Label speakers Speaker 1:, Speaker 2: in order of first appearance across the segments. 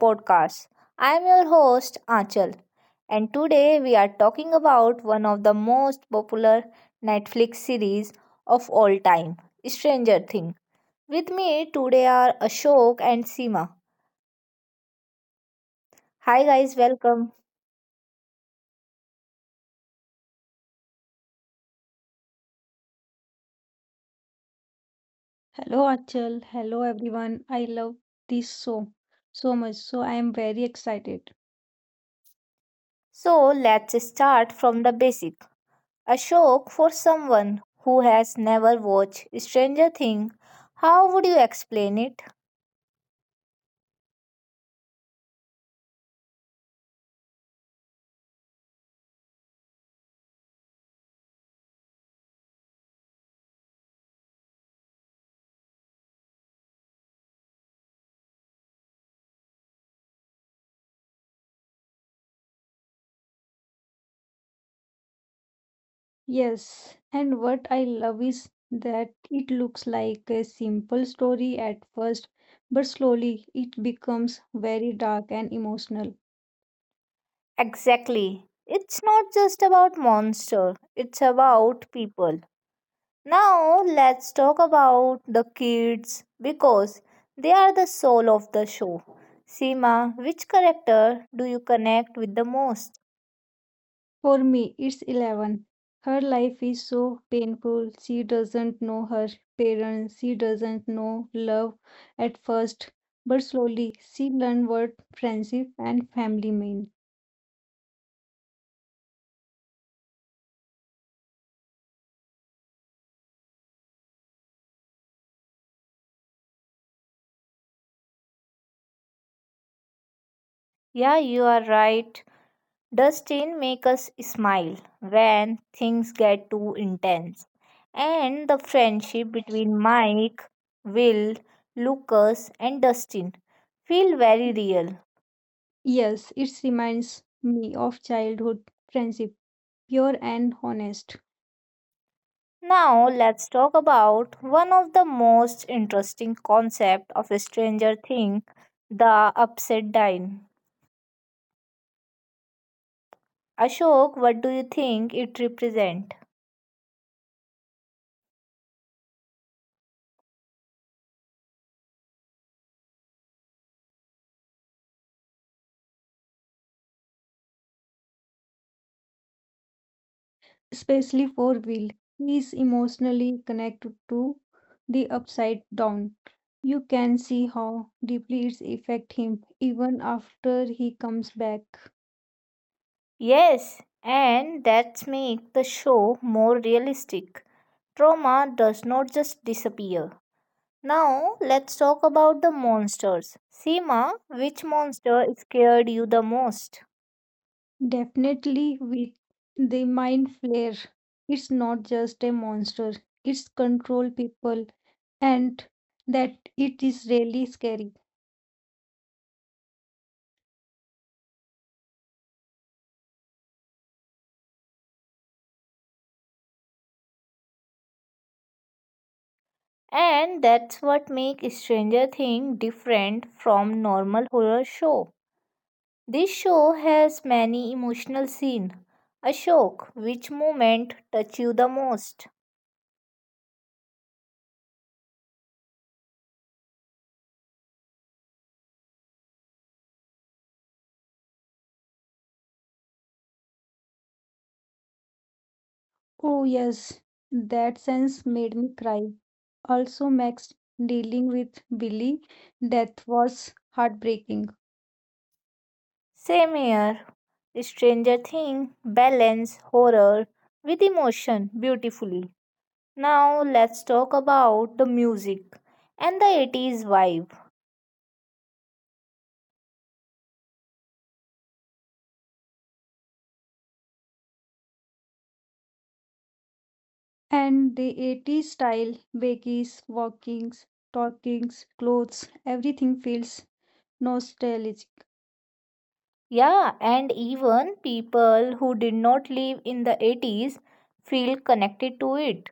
Speaker 1: podcast. I am your host, Achal, and today we are talking about one of the most popular Netflix series of all time, Stranger Things. With me today are Ashok and Seema. Hi, guys, welcome.
Speaker 2: Hello Achal, hello everyone. I love this so much. So I am very excited.
Speaker 1: So, let's start from the basic. Ashok, for someone who has never watched Stranger Things, how would you explain it?
Speaker 2: Yes, and what I love is that it looks like a simple story at first, but slowly it becomes very dark and emotional.
Speaker 1: Exactly. It's not just about monster, it's about people. Now let's talk about the kids because they are the soul of the show. Seema, which character do you connect with the most?
Speaker 2: For me, it's Eleven. Her life is so painful. She doesn't know her parents. She doesn't know love at first, but slowly she learns what friendship and family mean.
Speaker 1: Yeah, you are right. Dustin make us smile when things get too intense. And the friendship between Mike, Will, Lucas and Dustin feel very real.
Speaker 2: Yes, it reminds me of childhood friendship, pure and honest,
Speaker 1: Now let's talk about one of the most interesting concept of Stranger Things, the upside down. Ashok, what do you think it represents?
Speaker 2: especially for Will. He is emotionally connected to the upside down. You can see how deeply it's affect him even after he comes back.
Speaker 1: Yes, and that makes the show more realistic. Trauma does not just disappear. Now let's talk about the monsters. Seema, which monster scared you the most?
Speaker 2: Definitely with the mind flare, it's not just a monster, it's control people and that it is really scary.
Speaker 1: And that's what makes Stranger Things different from normal horror show. This show has many emotional scenes. Ashok, which moment touch you the most?
Speaker 2: Oh yes, that sense made me cry. Also, Max dealing with Billy, death was heartbreaking.
Speaker 1: Same here. Stranger Things balance horror with emotion beautifully. Now let's talk about the music and the 80s vibe.
Speaker 2: And the 80s style, baggies, walkings, talkings, clothes, everything feels nostalgic.
Speaker 1: Yeah, and even people who did not live in the 80s feel connected to it.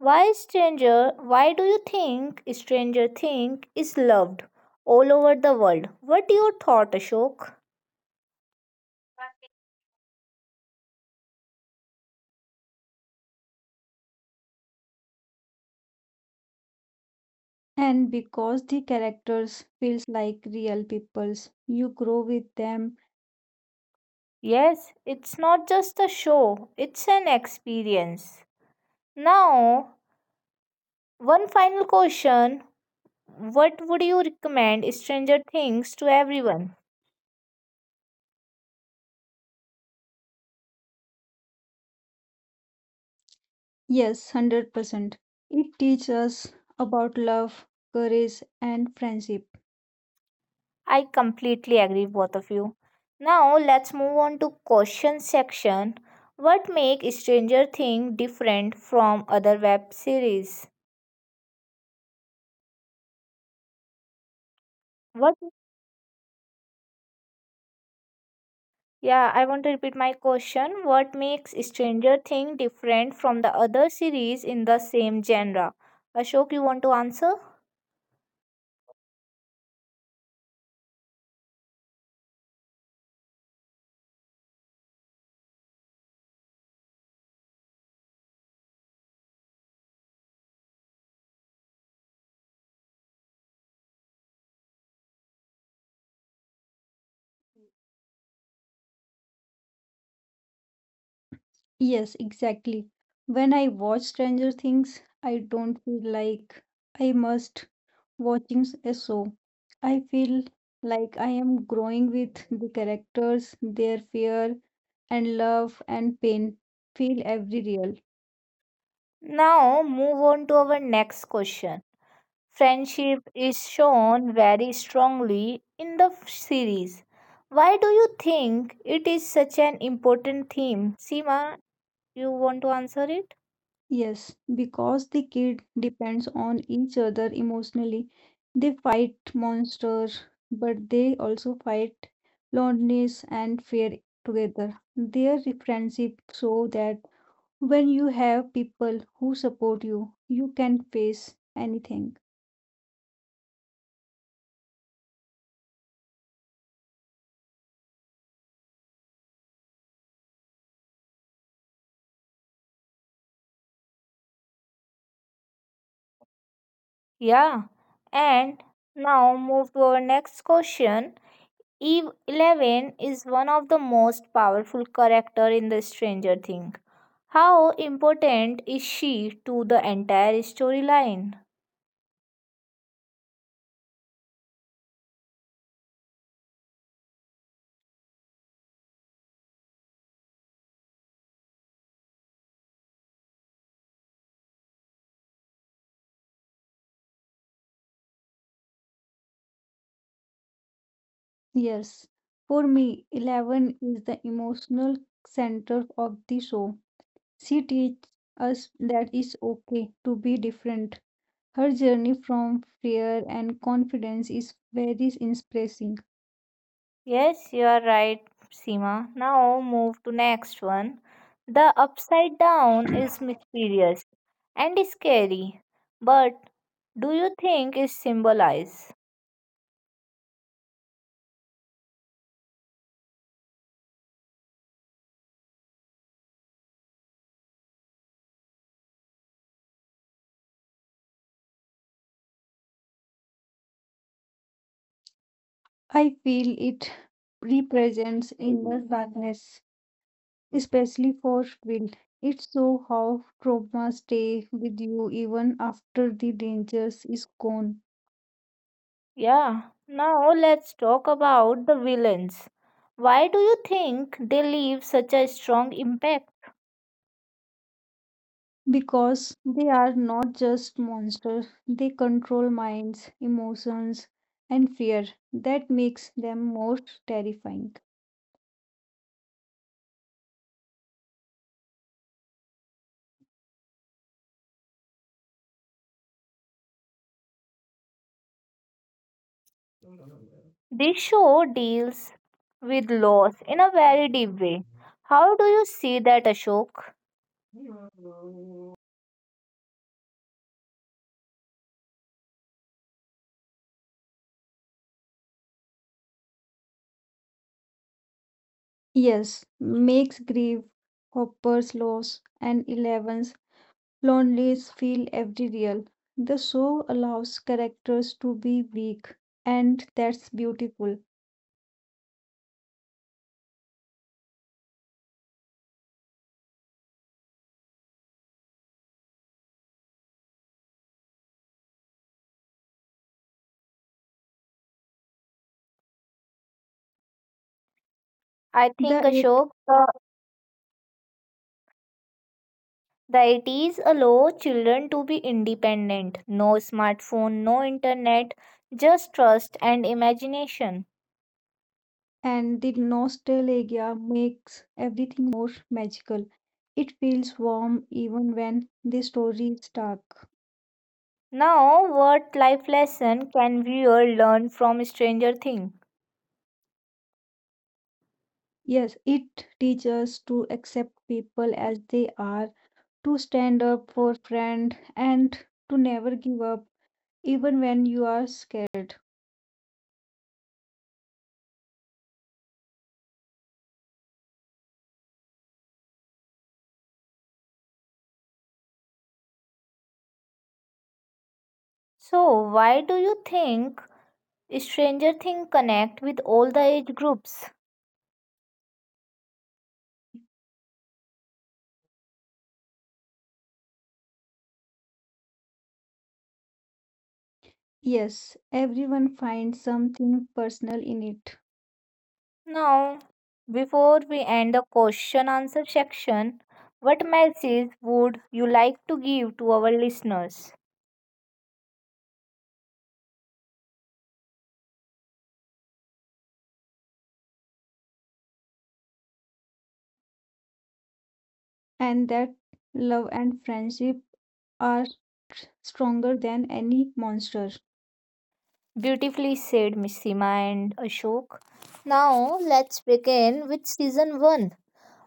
Speaker 1: Why stranger? Why do you think Stranger Think is loved all over the world? What your thought, Ashok?
Speaker 2: And because the characters feels like real peoples, you grow with them.
Speaker 1: Yes, it's not just a show, it's an experience. Now, one final question. What would you recommend Stranger Things to everyone?
Speaker 2: Yes, 100%. It teaches us about love, courage, and friendship.
Speaker 1: I completely agree both of you. Now, let's move on to question section. What make Stranger Things different from other web series? What Yeah, I want to repeat my question. What makes Stranger Things different from the other series in the same genre? Ashok, you want to answer?
Speaker 2: Yes, exactly. When I watch Stranger Things, I don't feel like I must watching a show. I feel like I am growing with the characters, their fear and love and pain feel every real.
Speaker 1: Now, move on to our next question. Friendship is shown very strongly in the series. Why do you think it is such an important theme? Seema, you want to answer it?
Speaker 2: Yes, because the kid depends on each other emotionally. They fight monsters, but they also fight loneliness and fear together. Their friendship show that when you have people who support you, you can face anything.
Speaker 1: Yeah. And now move to our next question. Eve Eleven is one of the most powerful character in the Stranger Things. How important is she to the entire storyline?
Speaker 2: Yes, for me, Eleven is the emotional center of the show. She teaches us that it's okay to be different. Her journey from fear and confidence is very inspiring.
Speaker 1: Yes, you are right, Seema. Now move to next one. The upside down is mysterious and scary, but do you think it symbolizes?
Speaker 2: I feel it represents inner darkness especially for wind. It shows how trauma stay with you even after the dangers is gone.
Speaker 1: Yeah. Now let's talk about the villains. Why do you think they leave such a strong impact?
Speaker 2: Because they are not just monsters, they control minds, emotions, and fear. That makes them more terrifying.
Speaker 1: This show deals with loss in a very deep way. How do you see that, Ashok?
Speaker 2: Yes, makes grief, hoppers loss, and elevens loneliness feel every real. The show allows characters to be weak, and that's beautiful.
Speaker 1: I think,
Speaker 2: The
Speaker 1: Ashok, that it is allow children to be independent. No smartphone, no internet, just trust and imagination.
Speaker 2: and the nostalgia makes everything more magical. It feels warm even when the story is dark.
Speaker 1: Now, what life lesson can viewer learn from Stranger Things?
Speaker 2: Yes, it teaches us to accept people as they are, to stand up for friend and to never give up even when you are scared.
Speaker 1: So, why do you think Stranger Things connect with all the age groups?
Speaker 2: Yes, everyone finds something personal in it
Speaker 1: Now, before we end the question answer section, what message would you like to give to our listeners?
Speaker 2: and that love and friendship are stronger than any monster.
Speaker 1: Beautifully said Miss Seema and Ashok. Now, let's begin with season 1.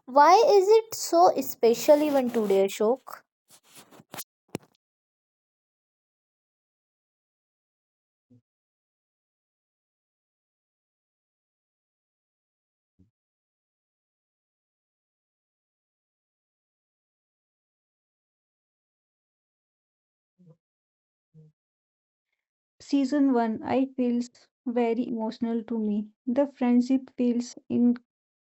Speaker 1: Why is it so special even today, Ashok?
Speaker 2: Season 1 I feels very emotional to me. The friendship feels in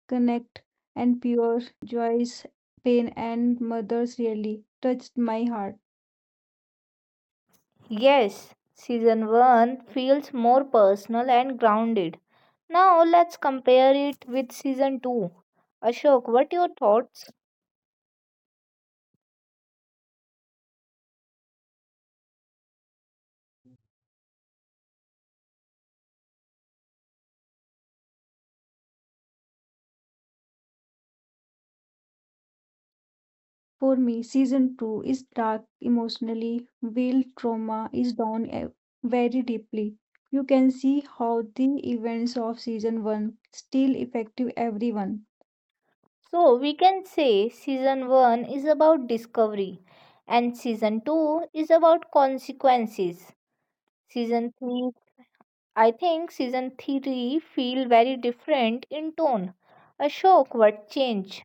Speaker 2: connect and pure Joy's pain and mother's really touched my heart.
Speaker 1: Yes, season 1 feels more personal and grounded. Now, let's compare it with season 2. Ashok, what your thoughts?
Speaker 2: For me, season 2 is dark emotionally, real trauma is down very deeply. You can see how the events of season 1 still affect everyone.
Speaker 1: So we can say season 1 is about discovery and season 2 is about consequences. Season 3, I think season 3 feel very different in tone. A shock what change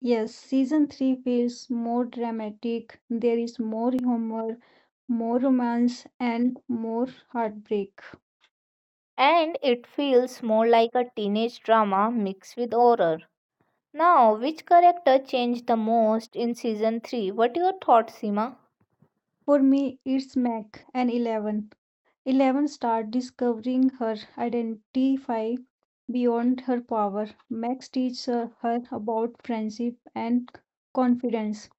Speaker 2: Yes, season 3 feels more dramatic. There is more humor, more romance, and more heartbreak.
Speaker 1: and it feels more like a teenage drama mixed with horror. Now which character changed the most in season 3? What are your thoughts, Sima?
Speaker 2: For me, it's Mac and Eleven. Eleven start discovering her identify beyond her power. Max teaches her about friendship and confidence.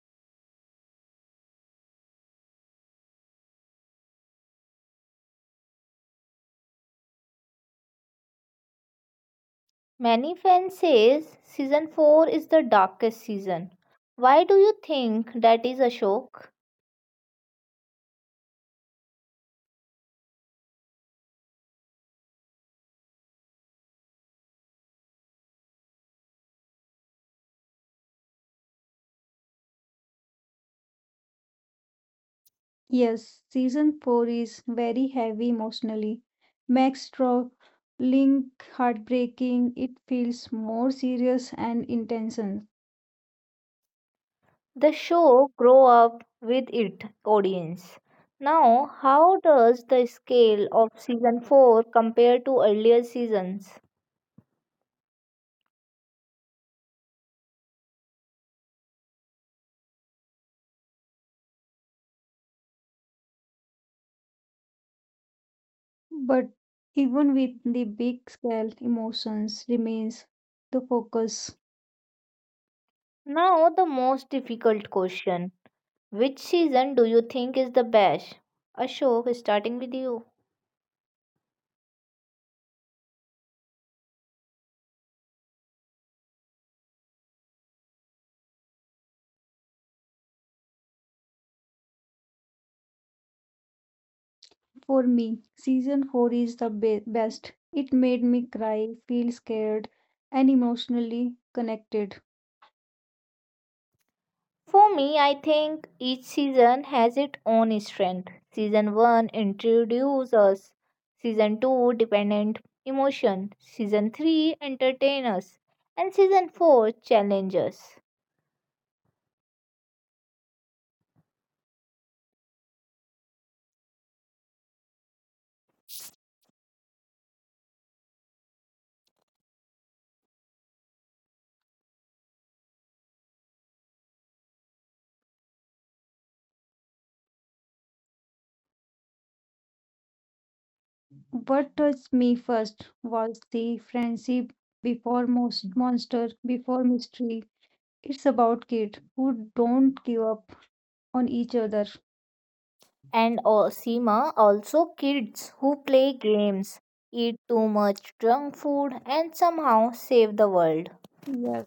Speaker 1: Many fans says season 4 is the darkest season. Why do you think that is, Ashok?
Speaker 2: Yes, season 4 is very heavy emotionally. Max struggling, heartbreaking, it feels more serious and intense.
Speaker 1: The show grow up with it audience. Now, how does the scale of season 4 compare to earlier seasons?
Speaker 2: But even with the big scale, emotions remains the focus.
Speaker 1: Now, the most difficult question. Which season do you think is the best? Ashok, starting with you.
Speaker 2: For me, season 4 is the best. It made me cry, feel scared, and emotionally connected.
Speaker 1: For me, I think each season has its own strength. Season 1 introduces us, Season 2 dependent emotion, Season 3 entertain us, and Season 4 challenges.
Speaker 2: What touched me first was the friendship before most monster, before mystery, it's about kids who don't give up on each other.
Speaker 1: And Seema also kids who play games, eat too much junk food, and somehow save the world.
Speaker 2: Yes,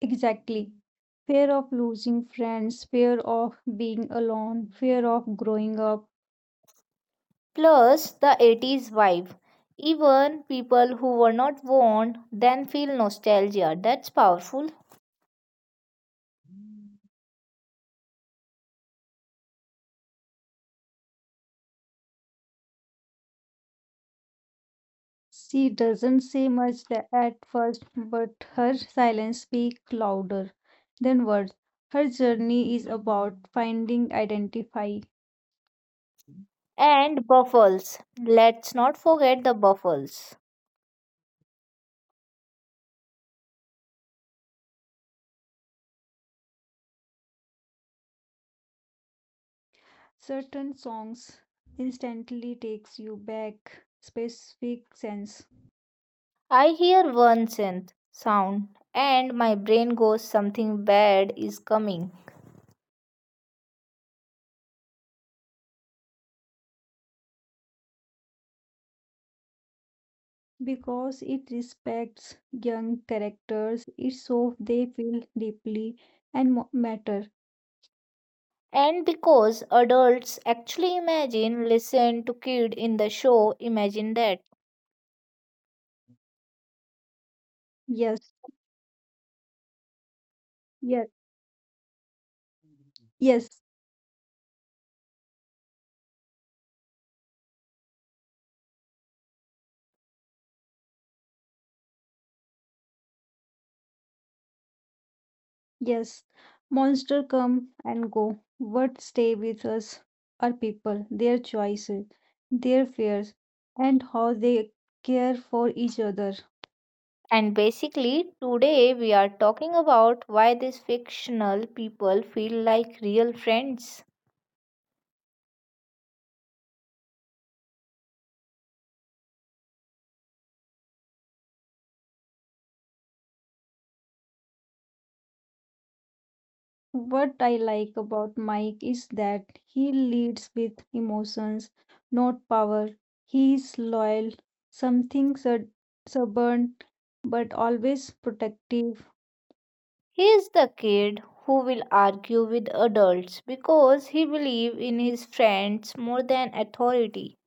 Speaker 2: exactly. Fear of losing friends, fear of being alone, fear of growing up.
Speaker 1: Plus the 80s vibe. Even people who were not born then feel nostalgia. That's powerful.
Speaker 2: She doesn't say much at first, but her silence speaks louder than words. Her journey is about finding identify.
Speaker 1: And buffles. Let's not forget the buffles.
Speaker 2: Certain songs instantly takes you back specific sense.
Speaker 1: I hear one synth sound and my brain goes something bad is coming.
Speaker 2: Because it respects young characters it so they feel deeply and matter.
Speaker 1: And because adults actually imagine, listen to kid in the show, imagine that.
Speaker 2: Yes, yes, yes, yes. Monster come and go, what stay with us are people, their choices, their fears, and how they care for each other.
Speaker 1: And basically, today we are talking about why these fictional people feel like real friends.
Speaker 2: What I like about Mike is that he leads with emotions, not power. He is loyal, something stubborn, but always protective.
Speaker 1: He is the kid who will argue with adults because he believes in his friends more than authority.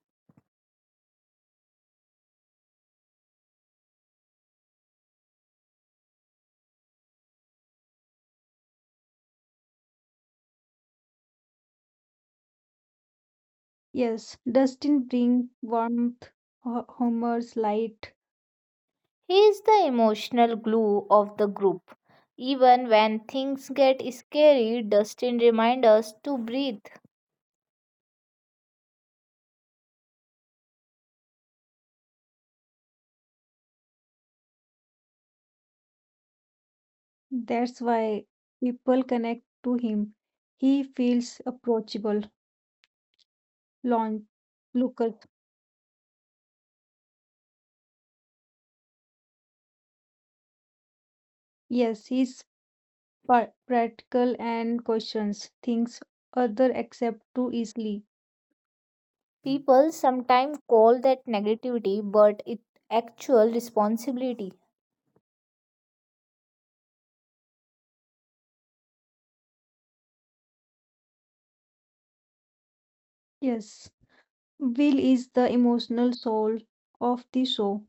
Speaker 2: Yes, Dustin brings warmth, Homer's light.
Speaker 1: He is the emotional glue of the group. Even when things get scary, Dustin reminds us to breathe.
Speaker 2: That's why people connect to him. He feels approachable, launch, local. Yes, he's practical and questions things other accept too easily.
Speaker 1: People sometimes call that negativity, but it's actual responsibility.
Speaker 2: Yes, Will is the emotional soul of the show.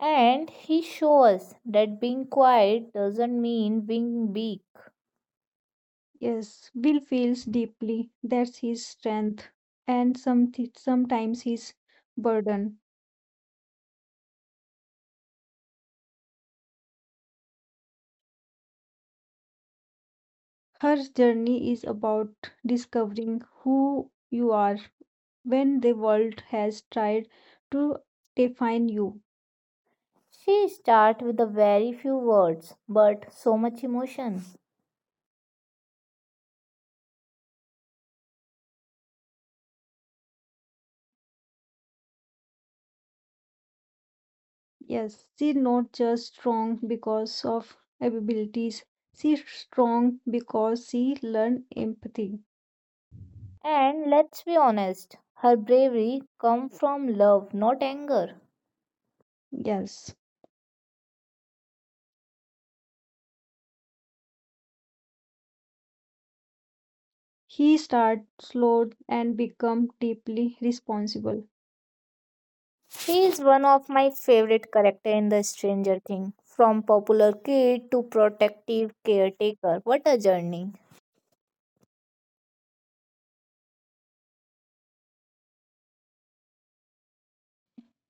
Speaker 1: And he shows us that being quiet doesn't mean being weak.
Speaker 2: Yes, Will feels deeply. That's his strength and sometimes his burden. Her journey is about discovering who you are when the world has tried to define you.
Speaker 1: She starts with a very few words, but so much emotion.
Speaker 2: Yes, she's not just strong because of abilities. She's strong because she learned empathy.
Speaker 1: And let's be honest, her bravery comes from love, not anger.
Speaker 2: Yes. He starred, slow and became deeply responsible.
Speaker 1: She is one of my favorite character in the Stranger Thing. From popular kid to protective caretaker, what a journey.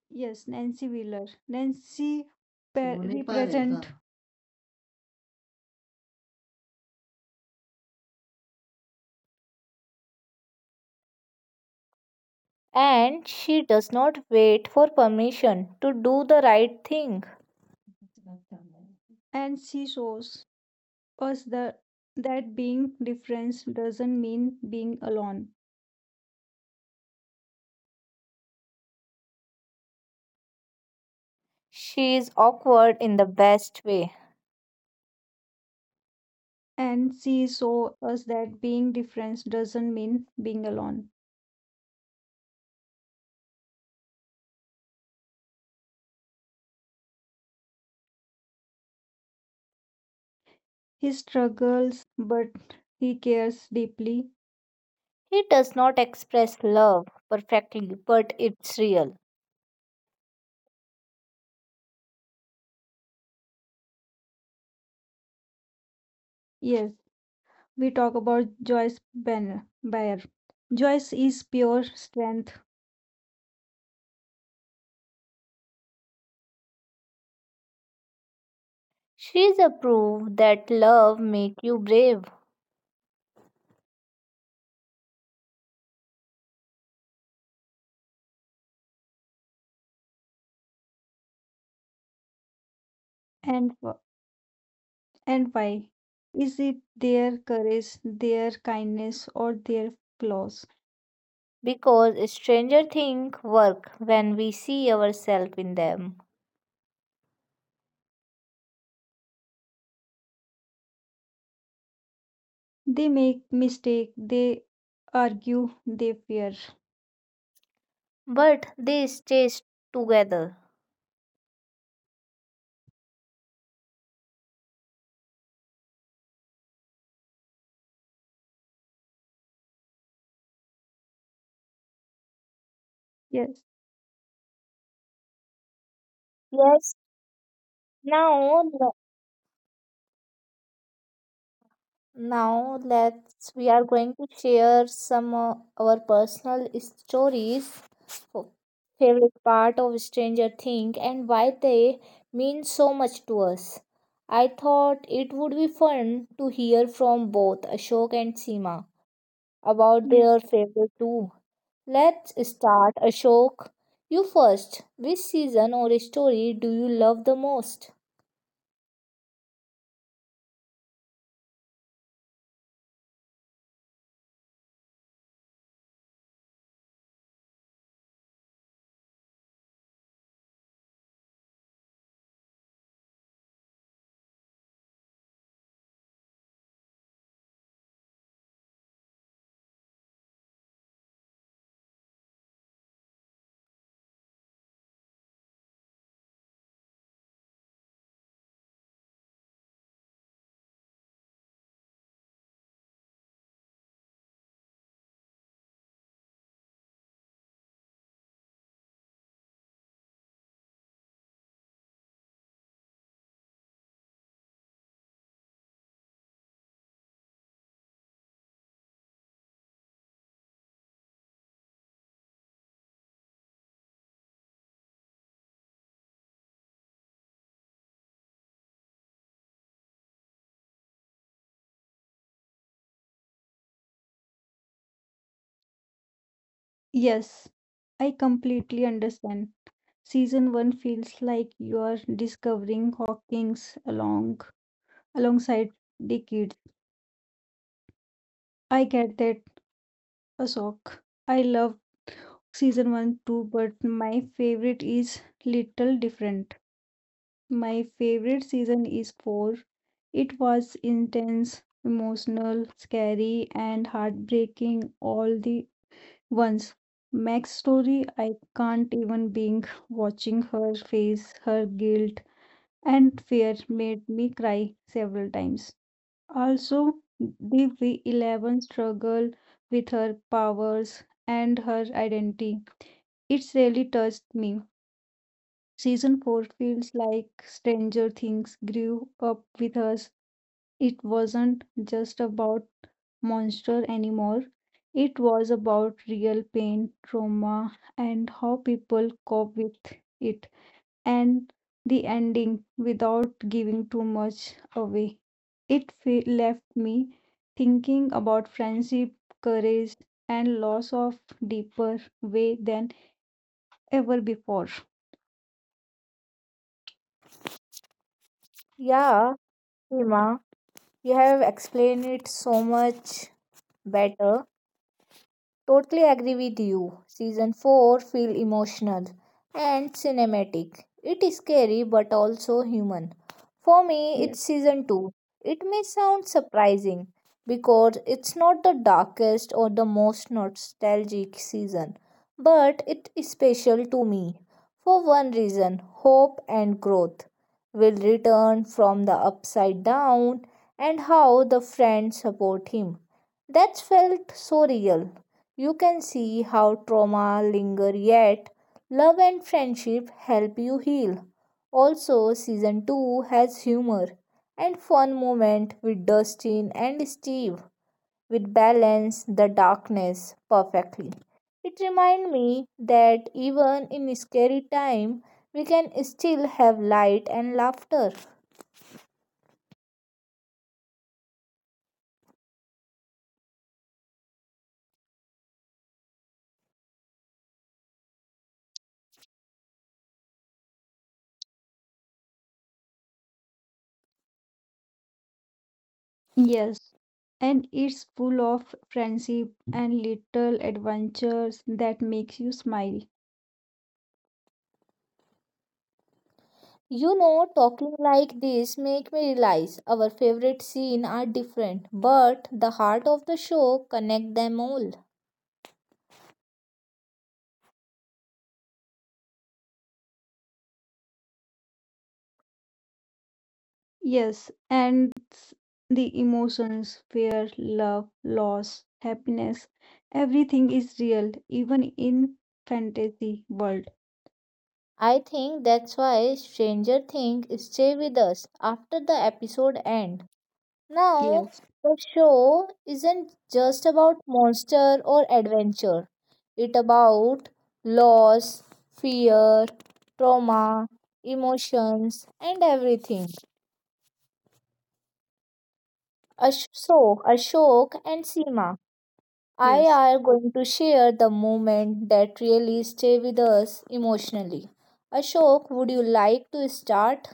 Speaker 2: Yes, Nancy Wheeler. Nancy pa- represent,
Speaker 1: And she does not wait for permission to do the right thing.
Speaker 2: and she shows us the, that being different doesn't mean being alone.
Speaker 1: She is awkward in the best way.
Speaker 2: And she shows us that being different doesn't mean being alone. He struggles, but he cares deeply.
Speaker 1: He does not express love perfectly, but it's real.
Speaker 2: Yes, we talk about Joyce Banner. Bayer. Joyce is pure strength,
Speaker 1: She's a proof that love make you brave
Speaker 2: and And why? Is it their courage, their kindness, or their flaws?
Speaker 1: because stranger things work when we see ourselves in them.
Speaker 2: They make mistake, they argue, they fear.
Speaker 1: But they stay together.
Speaker 2: Yes.
Speaker 1: Yes. Now, now let's we are going to share some of our personal stories, f- favorite part of Stranger Things, and why they mean so much to us. I thought it would be fun to hear from both Ashok and Seema about
Speaker 2: Yeah.
Speaker 1: their favorite too. Let's start, Ashok. You first. Which season or story do you love the most?
Speaker 2: Yes, I completely understand. Season one feels like you are discovering Hawkins along alongside the kids. I get that a shock. I love season one too, but my favorite is little different. My favorite season is four. It was intense, emotional, scary, and heartbreaking all the once. Meg's story, I can't even being watching her face, her guilt and fear made me cry several times. Also, the V11 struggle with her powers and her identity. It's really touched me. Season 4 feels like Stranger Things grew up with us. It wasn't just about monster anymore. It was about real pain, trauma, and how people cope with it. And the ending, without giving too much away, it left me thinking about friendship, courage, and loss of deeper way than ever before.
Speaker 1: Yeah, Hima, you have explained it so much better. Totally agree with you. Season 4 feel emotional and cinematic. It is scary but also human. For me, it's season 2. It may sound surprising because it's not the darkest or the most nostalgic season, but it is special to me for one reason, hope and growth will return from the upside down and how the friends support him. That felt so real. You can see how trauma linger yet love and friendship help you heal. Also season 2 has humor and fun moment with Dustin and Steve which balance the darkness perfectly. It reminds me that even in scary time we can still have light and laughter.
Speaker 2: Yes, and it's full of friendship and little adventures that makes you smile.
Speaker 1: You know, talking like this make me realize our favorite scene are different, but the heart of the show connect them all.
Speaker 2: Yes, and the emotions, fear, love, loss, happiness, everything is real, even in fantasy world.
Speaker 1: I think that's why Stranger Things stay with us after the episode end. Now,
Speaker 2: Yes,
Speaker 1: the show isn't just about monster or adventure. It about loss, fear, trauma, emotions, and everything. So, Ashok and Seema I
Speaker 2: yes,
Speaker 1: are going to share the moment that really stay with us emotionally. Ashok, would you like to start?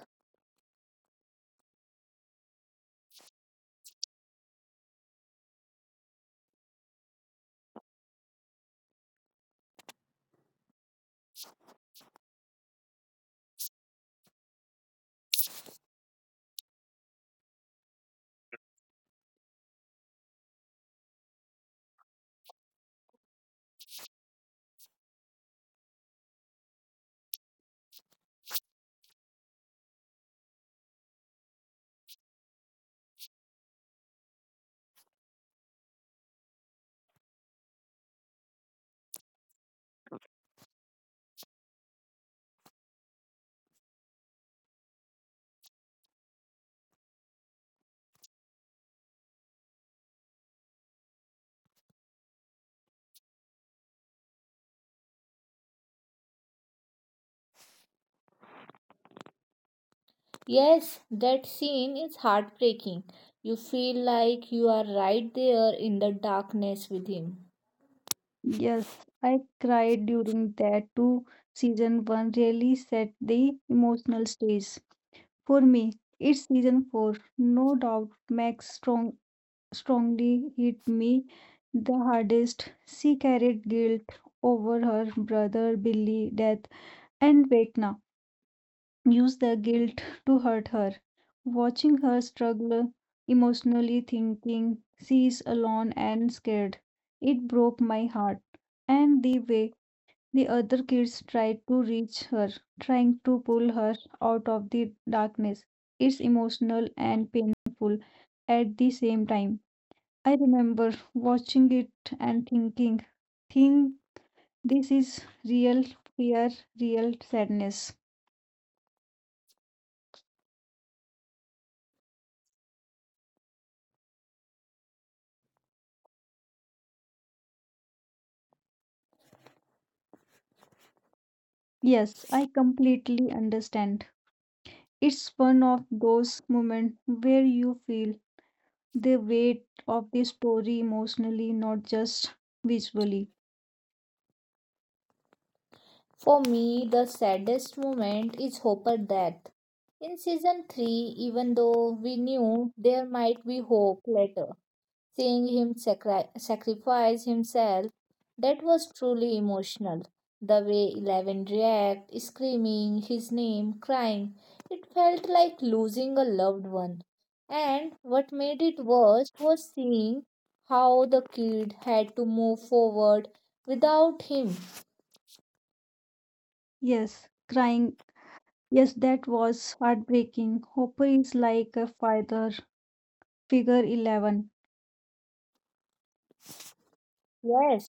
Speaker 1: Yes, that scene is heartbreaking. You feel like you are right there in the darkness with him.
Speaker 2: yes. I cried during that too. Season one really set the emotional stage. For me, it's season four. No doubt, Max strongly hit me the hardest. She carried guilt over her brother Billy, death, and Vecna used the guilt to hurt her. Watching her struggle, emotionally thinking she is alone and scared, it broke my heart. And the way the other kids tried to reach her, trying to pull her out of the darkness, it's emotional and painful at the same time. I remember watching it and thinking, think this is real fear, real sadness. Yes, I completely understand. It's one of those moments where you feel the weight of the story emotionally, not just visually.
Speaker 1: For me, the saddest moment is Hopper death. In season 3, even though we knew there might be hope later, seeing him sacrifice himself, that was truly emotional. The way Eleven reacted, screaming his name, crying, it felt like losing a loved one. And what made it worse was seeing how the kid had to move forward without him.
Speaker 2: Yes, crying. Yes, that was heartbreaking. Hopper is like a father, figure 11.
Speaker 1: Yes,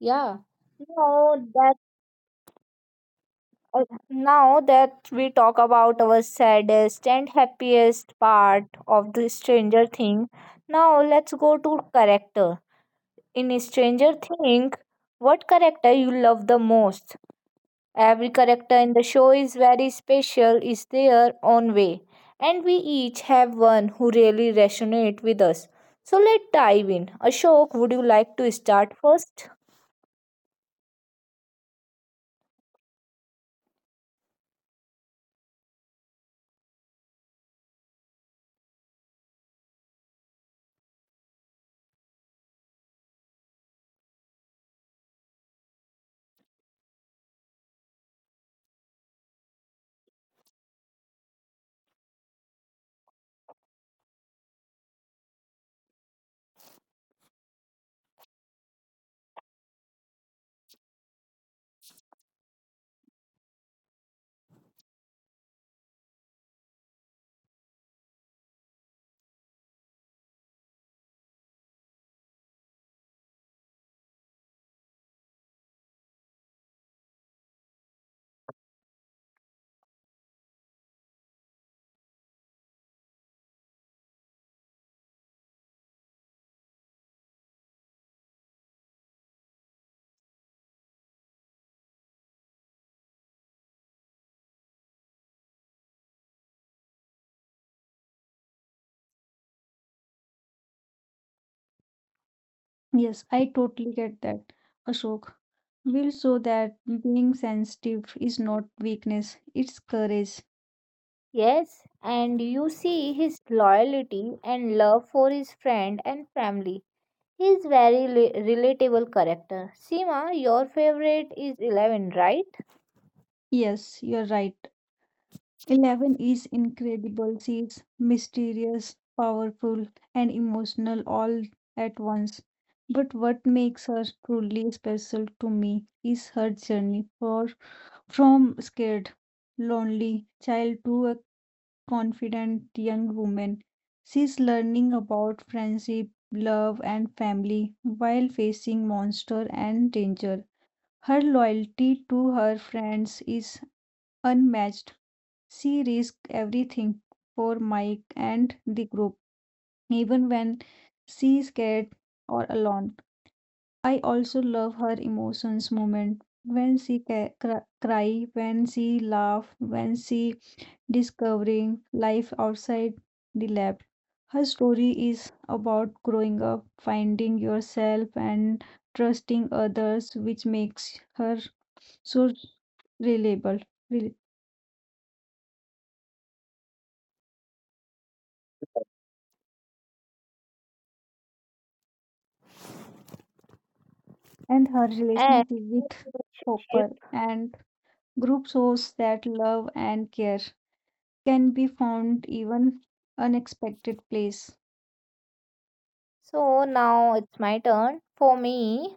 Speaker 1: yeah. Now Uh, now that we talk about our saddest and happiest part of the stranger thing, now let's go to character in stranger thing. What character you love the most? Every character in the show is very special is their own way and we each have one who really resonate with us, so let's dive in. Ashok, would you like to start first?
Speaker 2: Yes, I totally get that, Ashok. We'll show that being sensitive is not weakness, it's courage.
Speaker 1: Yes, and you see his loyalty and love for his friend and family. He is very relatable character. Seema, your favorite is Eleven, right?
Speaker 2: Yes, you're right. Eleven is incredible. She's mysterious, powerful, and emotional all at once. But what makes her truly special to me is her journey for from scared, lonely child to a confident young woman. She's learning about friendship, love, and family while facing monster and danger. Her loyalty to her friends is unmatched. She risks everything for Mike and the group, even when she's scared or alone. I also love her emotions moment when she cry, when she laugh, when she discovering life outside the lab. Her story is about growing up, finding yourself, and trusting others, which makes her so reliable. Rel- And her
Speaker 1: And
Speaker 2: relationship with
Speaker 1: relationship.
Speaker 2: Hopper and group shows that love and care can be found even unexpected place.
Speaker 1: So now it's my turn. For me,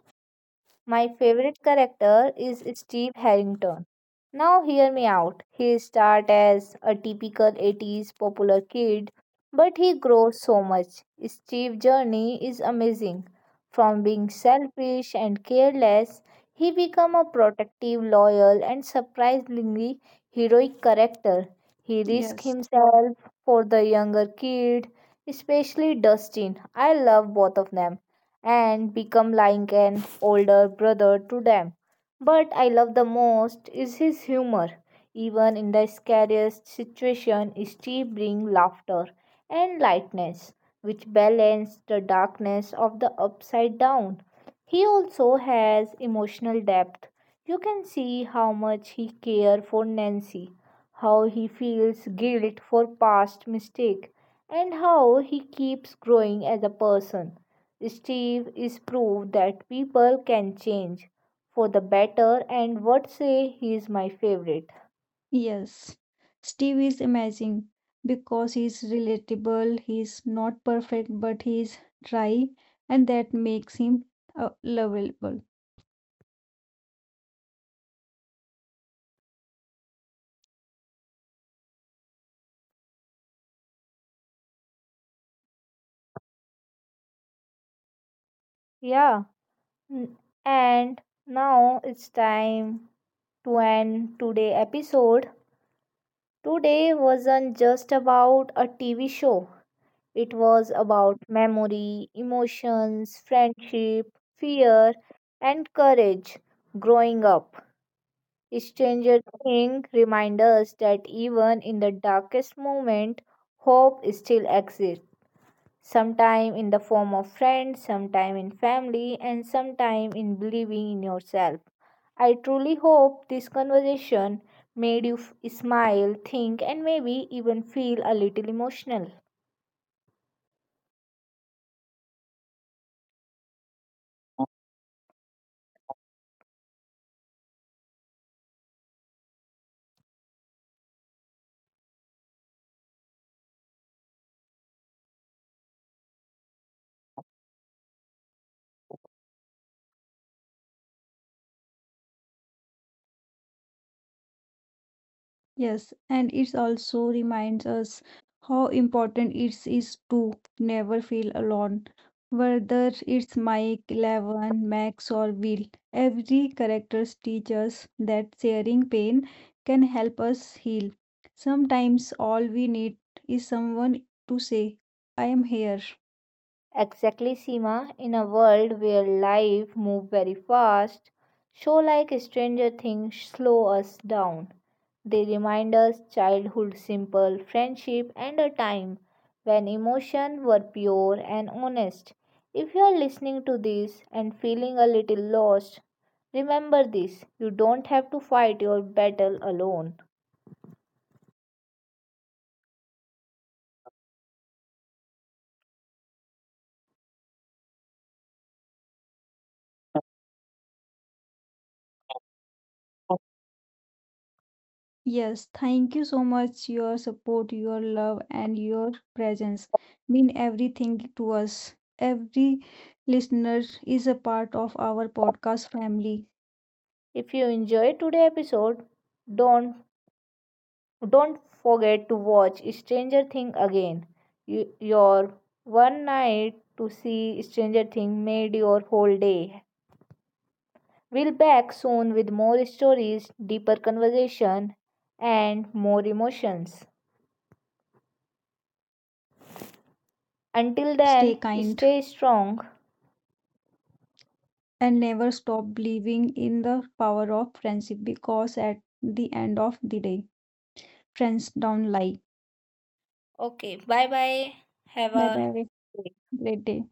Speaker 1: my favorite character is Steve Harrington. Now hear me out. He starts as a typical 80s popular kid, but he grows so much. Steve's journey is amazing. From being selfish and careless, he becomes a protective, loyal, and surprisingly heroic character. He risks
Speaker 2: Yes.
Speaker 1: himself for the younger kid, especially Dustin. I love both of them and become like an older brother to them. But I love the most is his humor. Even in the scariest situation, Steve brings laughter and lightness, which balance the darkness of the upside down. He also has emotional depth. You can see how much he cares for Nancy, how he feels guilt for past mistake, and how he keeps growing as a person. Steve is proof that people can change for the better, and what say he is my favorite.
Speaker 2: Yes, Steve is amazing because he's relatable, he's not perfect, but he's dry, and that makes him lovable.
Speaker 1: Yeah, n- and now it's time to end today episode. Today wasn't just about a TV show. It was about memory, emotions, friendship, fear, and courage growing up. Stranger Things reminds us that even in the darkest moment, hope still exists. Sometime in the form of friends, sometime in family, and sometime in believing in yourself. I truly hope this conversation made you smile, think, and maybe even feel a little emotional.
Speaker 2: Yes, and it also reminds us how important it is to never feel alone. Whether it's Mike, Levin, Max, or Will, every character teaches that sharing pain can help us heal. Sometimes all we need is someone to say, I am here.
Speaker 1: Exactly, Seema. In a world where life moves very fast, show like Stranger Things slow us down. They remind us childhood simple friendship and a time when emotions were pure and honest. If you are listening to this and feeling a little lost, remember this. You don't have to fight your battle alone.
Speaker 2: Yes, thank you so much. Your support, your love, and your presence mean everything to us. Every listener is a part of our podcast family.
Speaker 1: If you enjoyed today's episode, don't Don't forget to watch Stranger Things again. Your one night to see Stranger Things made your whole day. We'll back soon with more stories, deeper conversation, and more emotions. Until
Speaker 2: Stay
Speaker 1: then,
Speaker 2: kind
Speaker 1: stay strong.
Speaker 2: and never stop believing in the power of friendship because at the end of the day, friends don't lie.
Speaker 1: Okay, bye bye. Have
Speaker 2: Bye
Speaker 1: a
Speaker 2: bye. Great day.